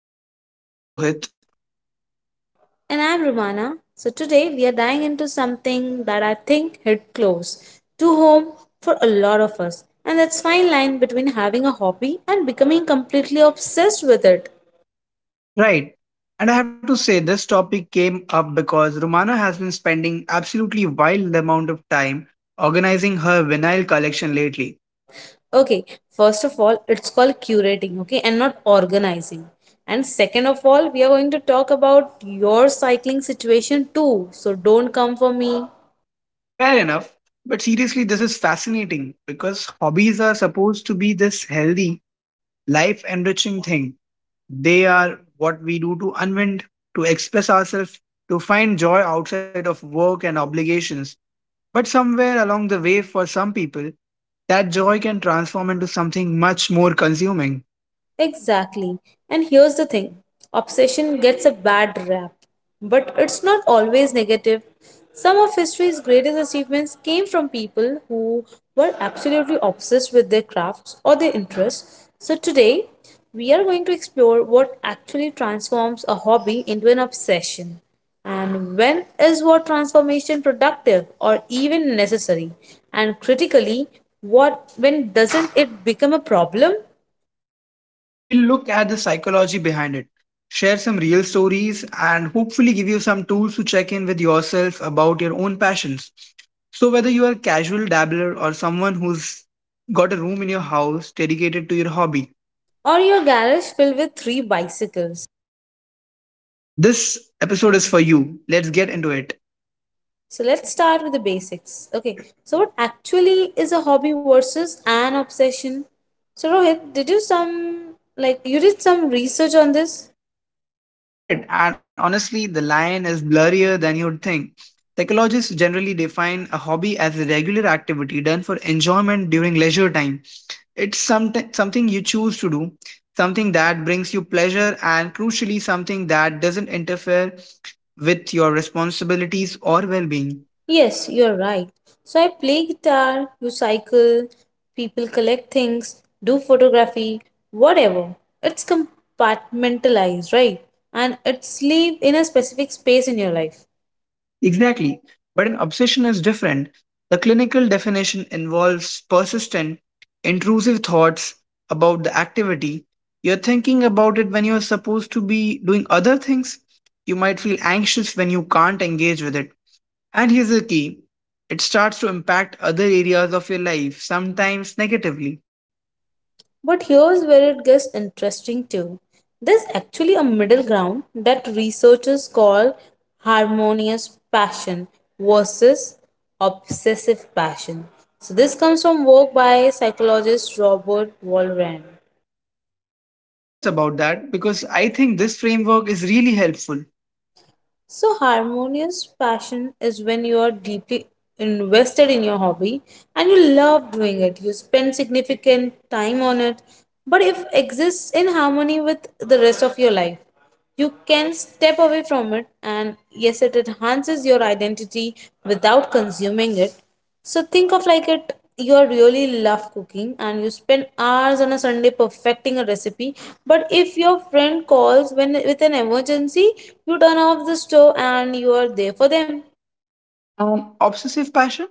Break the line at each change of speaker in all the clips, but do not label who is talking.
episode. I'm Rohit.
And I'm Romana. So today we are diving into something that I think hit close to home for a lot of us. And that's fine line between having a hobby and becoming completely obsessed with it.
Right. And I have to say, this topic came up because Romana has been spending absolutely wild amount of time organizing her vinyl collection lately.
Okay, first of all, it's called curating, okay, and not organizing. And second of all, we are going to talk about your cycling situation too. So don't come for me.
Fair enough. But seriously, this is fascinating because hobbies are supposed to be this healthy, life enriching thing. They are what we do to unwind, to express ourselves, to find joy outside of work and obligations. But somewhere along the way, for some people, that joy can transform into something much more consuming.
Exactly. And here's the thing, obsession gets a bad rap, but it's not always negative. Some of history's greatest achievements came from people who were absolutely obsessed with their crafts or their interests. So today, we are going to explore what actually transforms a hobby into an obsession. And when is what transformation productive or even necessary? And critically, what when doesn't it become a problem?
We'll look at the psychology behind it, share some real stories, and hopefully give you some tools to check in with yourself about your own passions. So, whether you are a casual dabbler or someone who's got a room in your house dedicated to your hobby,
Or your garage filled with three bicycles.
this episode is for you. Let's get into it.
So let's start with the basics. Okay, so what actually is a hobby versus an obsession? So Rohit, did you some like you did some research on this?
I did, and honestly, the line is blurrier than you'd think. Psychologists generally define a hobby as a regular activity done for enjoyment during leisure time. It's something you choose to do, something that brings you pleasure, and crucially, something that doesn't interfere with your responsibilities or well being.
Yes, you're right. So I play guitar, you cycle, people collect things, do photography, whatever. It's compartmentalized, right? And it's live in a specific space in your life.
Exactly. But an obsession is different. The clinical definition involves persistent, intrusive thoughts about the activity. You're thinking about it when you're supposed to be doing other things. You might feel anxious when you can't engage with it. And here's the key, it starts to impact other areas of your life, sometimes negatively.
But here's where it gets interesting too. There's actually a middle ground that researchers call harmonious passion versus obsessive passion. So, this comes from work by psychologist Robert Walrand.
Tell us about that because I think this framework is really helpful.
So, harmonious passion is when you are deeply invested in your hobby and you love doing it. You spend significant time on it, but if exists in harmony with the rest of your life, you can step away from it, and yes, it enhances your identity without consuming it. So think of like it you are really love cooking and you spend hours on a Sunday perfecting a recipe. But if your friend calls when with an emergency, you turn off the stove and you are there for them.
Obsessive passion?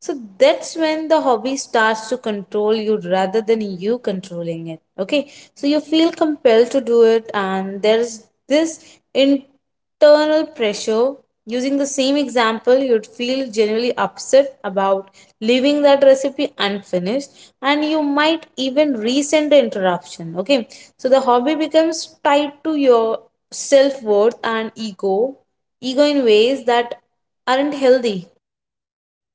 So that's when the hobby starts to control you rather than you controlling it. Okay. So you feel compelled to do it, and there's this internal pressure. Using the same example, you'd feel genuinely upset about leaving that recipe unfinished, and you might even resent the interruption. Okay. So the hobby becomes tied to your self worth and ego in ways that aren't healthy.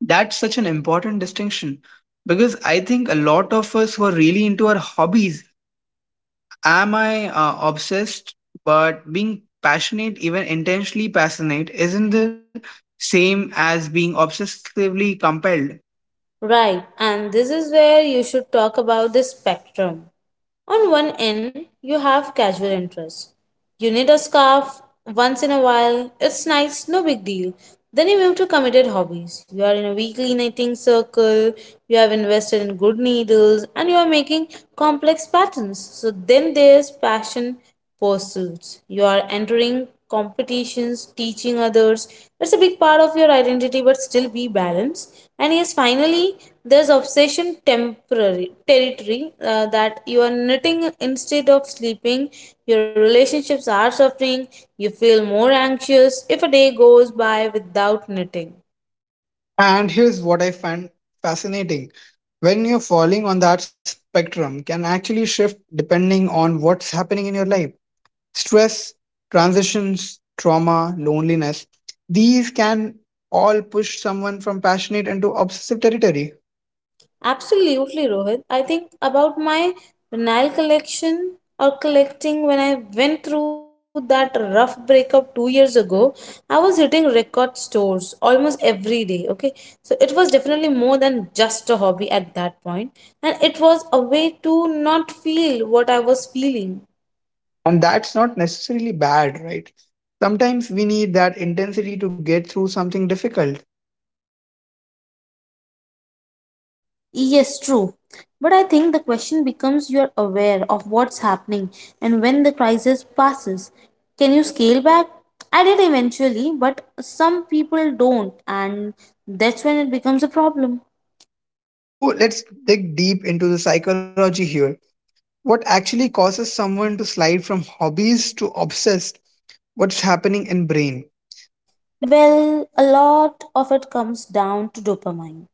That's such an important distinction because I think a lot of us who are really into our hobbies, am I obsessed? But being passionate, even intentionally passionate, isn't the same as being obsessively compelled.
Right, and this is where you should talk about the spectrum. On one end, you have casual interests. You need a scarf once in a while, it's nice, no big deal. Then you move to committed hobbies. You are in a weekly knitting circle, you have invested in good needles, and you are making complex patterns. So then there's passion pursuits. You are entering competitions, teaching others. It's a big part of your identity, but still be balanced. And yes, finally, there's obsession temporary territory that you are knitting instead of sleeping. Your relationships are suffering. You feel more anxious if a day goes by without knitting.
And here's what I find fascinating. When you're falling on that spectrum can actually shift depending on what's happening in your life. Stress, transitions, trauma, loneliness, these can all push someone from passionate into obsessive territory.
Absolutely, Rohit. I think about my Nile collection or collecting when I went through that rough breakup 2 years ago. I was hitting record stores almost every day. Okay, so it was definitely more than just a hobby at that point, and it was a way to not feel what I was feeling.
And that's not necessarily bad, right? Sometimes we need that intensity to get through something difficult.
Yes, true. But I think the question becomes you are aware of what's happening and when the crisis passes. Can you scale back? I did eventually, but some people don't, and that's when it becomes a problem.
So let's dig deep into the psychology here. What actually causes someone to slide from hobbies to obsessed? What's happening in brain?
Well, a lot of it comes down to dopamine,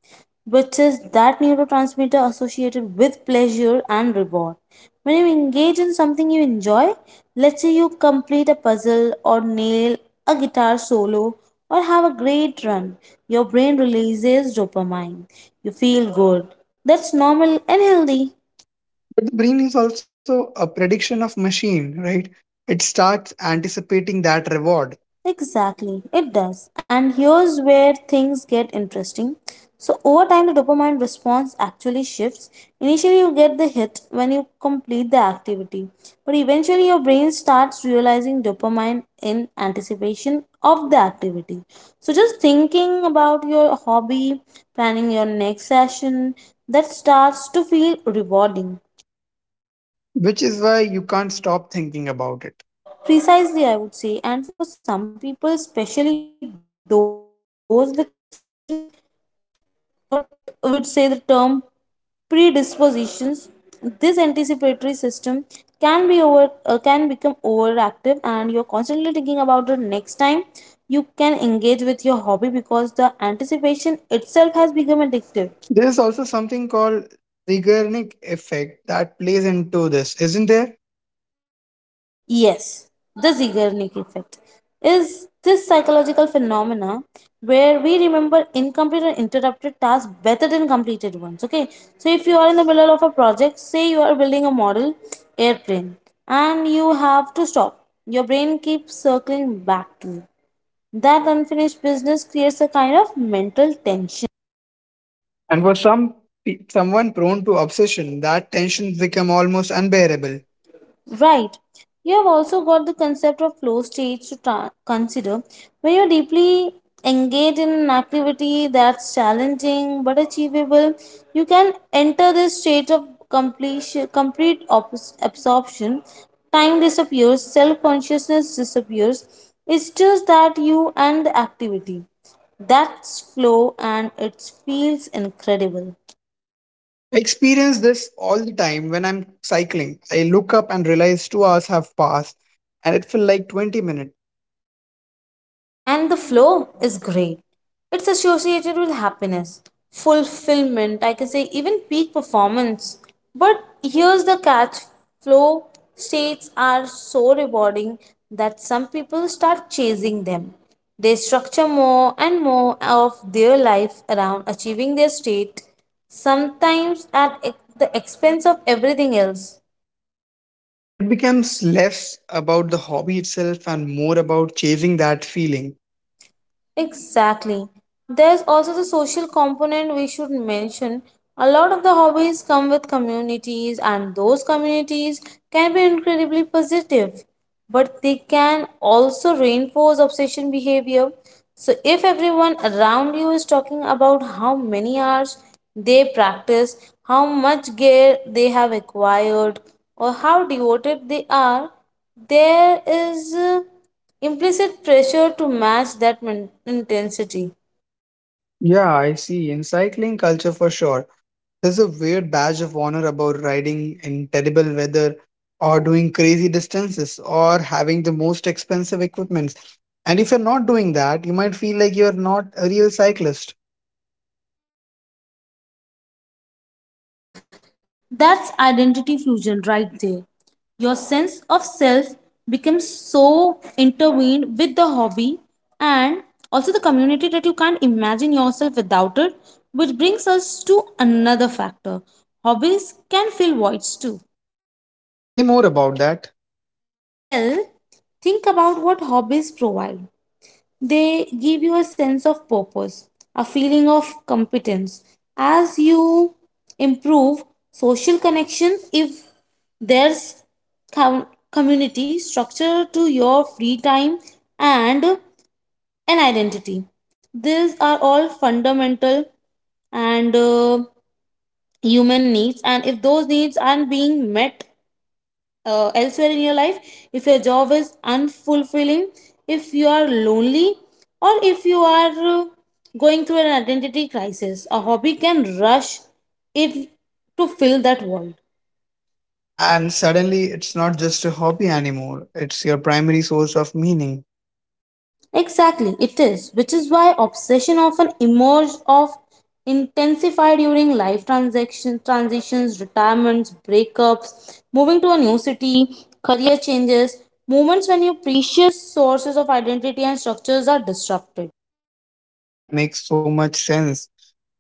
which is that neurotransmitter associated with pleasure and reward. When you engage in something you enjoy, let's say you complete a puzzle or nail a guitar solo or have a great run, your brain releases dopamine. You feel good. That's normal and healthy.
But the brain is also a prediction of machine, right? It starts anticipating that reward,
Exactly, it does. And here's where things get interesting. So, over time, the dopamine response actually shifts. Initially, you get the hit when you complete the activity, but eventually, your brain starts realizing dopamine in anticipation of the activity. So, just thinking about your hobby, planning your next session, that starts to feel rewarding.
which is why you can't stop thinking about it.
Precisely, I would say. And for some people, especially those with certain what we would say the term predispositions. This anticipatory system can become overactive, and you're constantly thinking about the next time you can engage with your hobby because the anticipation itself has become addictive.
There is also something called Zeigarnik effect that plays into this, isn't there?
Yes, the Zeigarnik effect is this psychological phenomena where we remember incomplete or interrupted tasks better than completed ones. Okay, so if you are in the middle of a project, say you are building a model airplane and you have to stop, your brain keeps circling back to you. That unfinished business creates a kind of mental tension.
And for someone prone to obsession, that tensions become almost unbearable.
Right. You have also got the concept of flow stage to consider. When you're deeply engaged in an activity that's challenging but achievable, you can enter this stage of completion, complete absorption. Time disappears, self consciousness disappears. It's just that you and the activity. That's flow and it feels incredible.
I experience this all the time when I'm cycling. I look up and realize 2 hours have passed, and it felt like 20 minutes.
And the flow is great. It's associated with happiness, fulfillment, I can say even peak performance. But here's the catch, flow states are so rewarding that some people start chasing them. They structure more and more of their life around achieving their state, sometimes at the expense of everything else.
It becomes less about the hobby itself and more about chasing that feeling.
Exactly. There's also the social component we should mention. A lot of the hobbies come with communities, and those communities can be incredibly positive, but they can also reinforce obsession behavior. So, if everyone around you is talking about how many hours they practice, how much gear they have acquired, or how devoted they are, there is implicit pressure to match that intensity.
Yeah, I see. In cycling culture for sure, there's a weird badge of honor about riding in terrible weather or doing crazy distances or having the most expensive equipment. And if you're not doing that, you might feel like you're not a real cyclist.
That's identity fusion right there. Your sense of self becomes so intertwined with the hobby and also the community that you can't imagine yourself without it, which brings us to another factor. Hobbies can fill voids too.
Say more about that.
Well, think about what hobbies provide. They give you a sense of purpose, a feeling of competence. As you improve social connection, if there's com- community structure to your free time and an identity. These are all fundamental and human needs, and if those needs aren't being met elsewhere in your life, if your job is unfulfilling, if you are lonely, or if you are uh, going through an identity crisis, a hobby can rush it to fill that void.
And suddenly, it's not just a hobby anymore, it's your primary source of meaning.
Exactly, it is, which is why obsession often emerge of intensify during life transitions, retirements, breakups, moving to a new city, career changes, moments when your precious sources of identity and structures are disrupted.
That makes so much sense.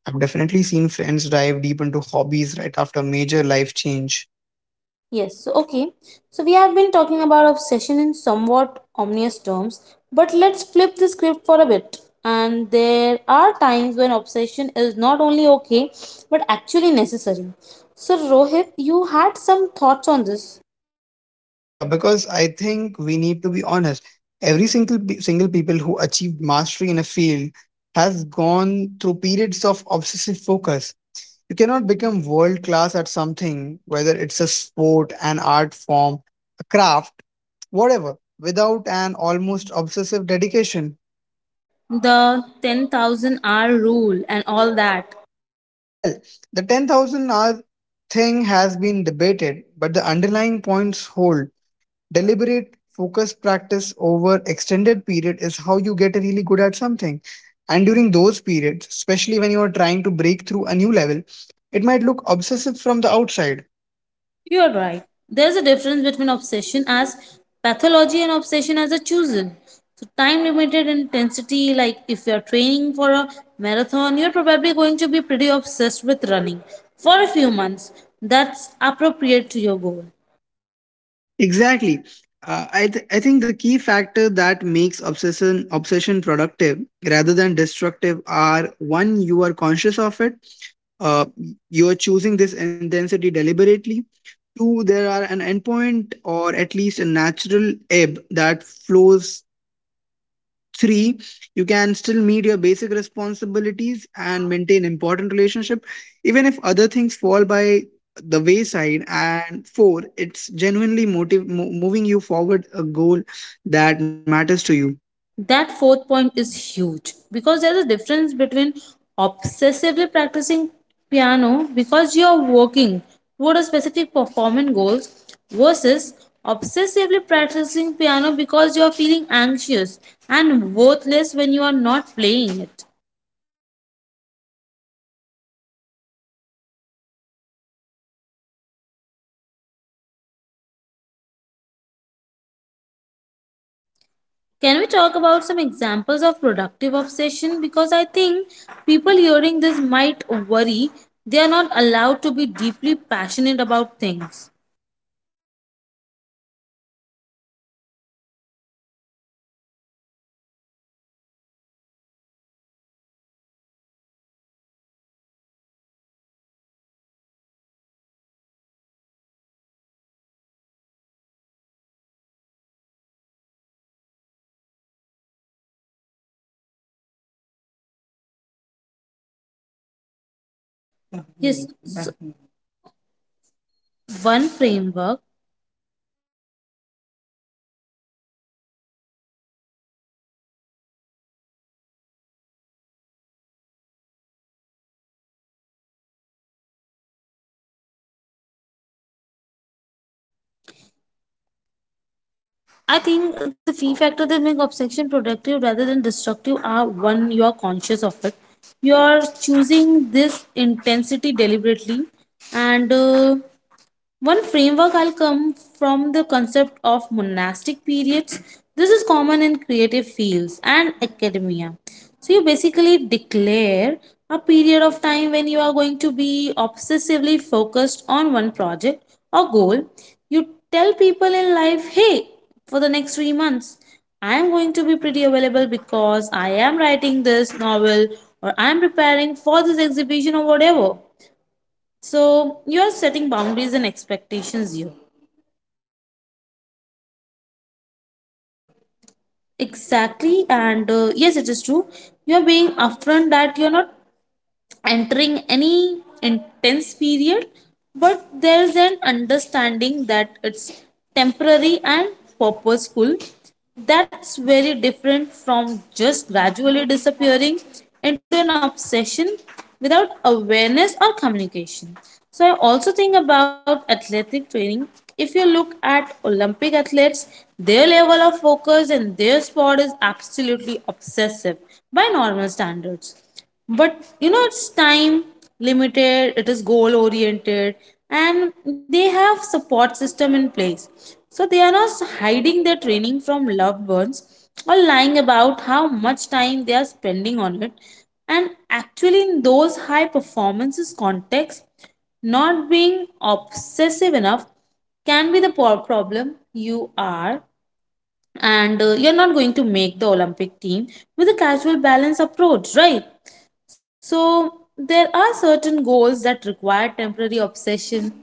I've definitely seen friends dive deep into hobbies right after major life change.
Yes, so okay. So we have been talking about obsession in somewhat ominous terms, but let's flip the script for a bit. And there are times when obsession is not only okay, but actually necessary. So Rohit, you had some thoughts on this.
Yeah, because I think we need to be honest. Single people who achieved mastery in a field has gone through periods of obsessive focus. You cannot become world class at something, whether it's a sport, an art form, a craft, whatever, without an almost obsessive dedication.
The 10,000 hour rule and all that.
Well, the 10,000 hour thing has been debated, but the underlying points hold. Deliberate, focused practice over extended period is how you get really good at something. And during those periods, especially when you are trying to break through a new level, it might look obsessive from the outside.
You are right. There's a difference between obsession as pathology and obsession as a chosen. So, time limited intensity, like if you're training for a marathon, you're probably going to be pretty obsessed with running for a few months. That's appropriate to your goal.
Exactly. I think the key factor that makes obsession productive rather than destructive are one, you are conscious of it, uh, you are choosing this intensity deliberately. Two, there are an endpoint or at least a natural ebb that flows. Three, you can still meet your basic responsibilities and maintain important relationship, even if other things fall by the wayside. And four, it's genuinely moving you forward a goal that matters to you.
That fourth point is huge because there's a difference between obsessively practicing piano because you are working toward a specific performance goals versus obsessively practicing piano because you are feeling anxious and worthless when you are not playing it. Can we talk about some examples of productive obsession? Because I think people hearing this might worry they are not allowed to be deeply passionate about things. Yes, one framework. I think the key factor that make obsession productive rather than destructive are one, you are conscious of it. You are choosing this intensity deliberately and one framework I'll come from the concept of monastic periods. This is common in creative fields and academia. So you basically declare a period of time when you are going to be obsessively focused on one project or goal. You tell people in life, hey, for the next 3 months, I am going to be pretty available because I am writing this novel or I am preparing for this exhibition or whatever. So you are setting boundaries and expectations here. Exactly, and yes, it is true. You are being upfront that you are not entering any intense period, but there's an understanding that it's temporary and purposeful. That's very different from just gradually disappearing into an obsession without awareness or communication. So, I also think about athletic training. If you look at Olympic athletes, their level of focus in their sport is absolutely obsessive by normal standards, but you know it's time limited, it is goal oriented, and they have support system in place, so they are not hiding their training from loved ones or lying about how much time they are spending on it. And actually, in those high performances context, not being obsessive enough can be the problem you are and you're not going to make the Olympic team with a casual balance approach, right? So there are certain goals that require temporary obsession,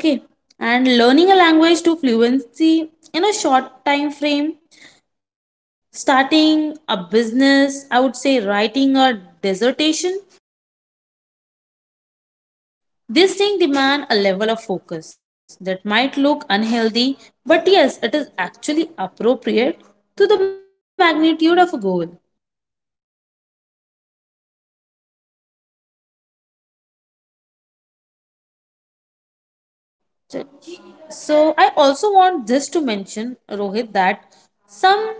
okay? And learning a language to fluency in a short time frame, starting a business, I would say writing a dissertation. These things demand a level of focus that might look unhealthy, but yes, it is actually appropriate to the magnitude of a goal. So I also want this to mention, Rohit, that some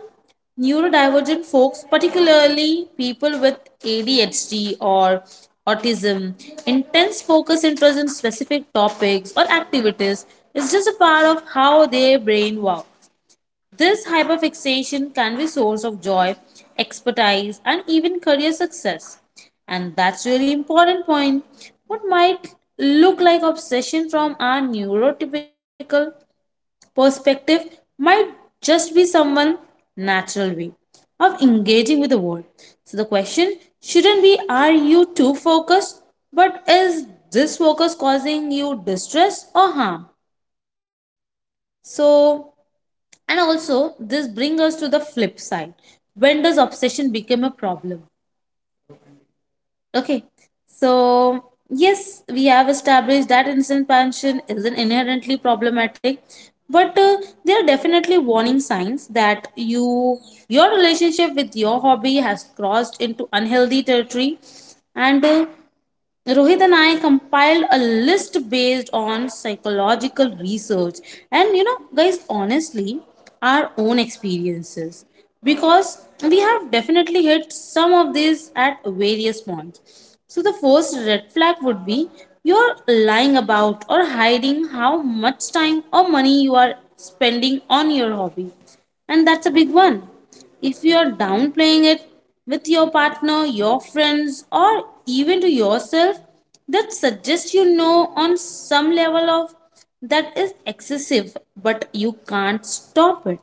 neurodivergent folks, particularly people with ADHD or autism, intense focus interest in specific topics or activities is just a part of how their brain works. This hyperfixation can be source of joy, expertise, and even career success. And that's really important point. What might look like obsession from our neurotypical perspective might just be someone natural way of engaging with the world. So the question shouldn't be are you too focused, but is this focus causing you distress or harm? So and also, this brings us to the flip side. When does obsession become a problem? Okay, so yes, we have established that instant passion isn't inherently problematic, but there are definitely warning signs that your relationship with your hobby has crossed into unhealthy territory, and Rohit and I compiled a list based on psychological research and you know guys honestly our own experiences because we have definitely hit some of these at various points. So the first red flag would be you're lying about or hiding how much time or money you are spending on your hobby, and that's a big one. If you are downplaying it with your partner, your friends, or even to yourself, that suggests you know on some level of that is excessive, but you can't stop it.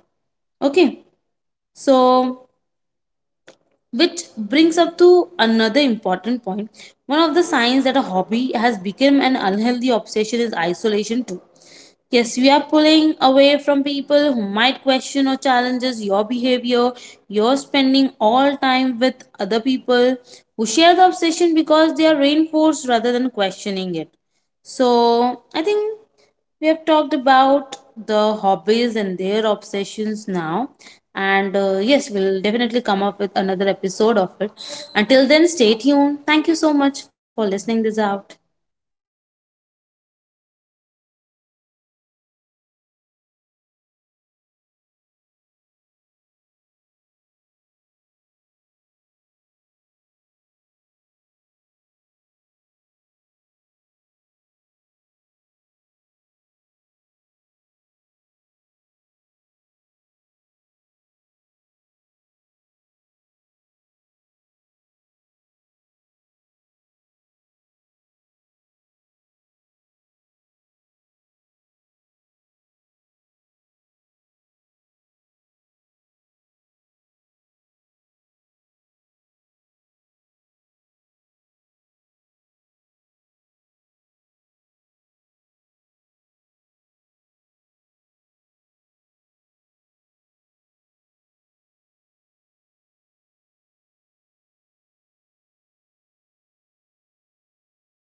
Okay, so which brings up to another important point. One of the signs that a hobby has become an unhealthy obsession is isolation too. Yes, we are pulling away from people who might question or challenges your behavior. You're spending all time with other people who share the obsession because they are reinforced rather than questioning it. So, I think we have talked about the hobbies and their obsessions now. And yes, we'll definitely come up with another episode of it. Until then, stay tuned. Thank you so much for listening this out.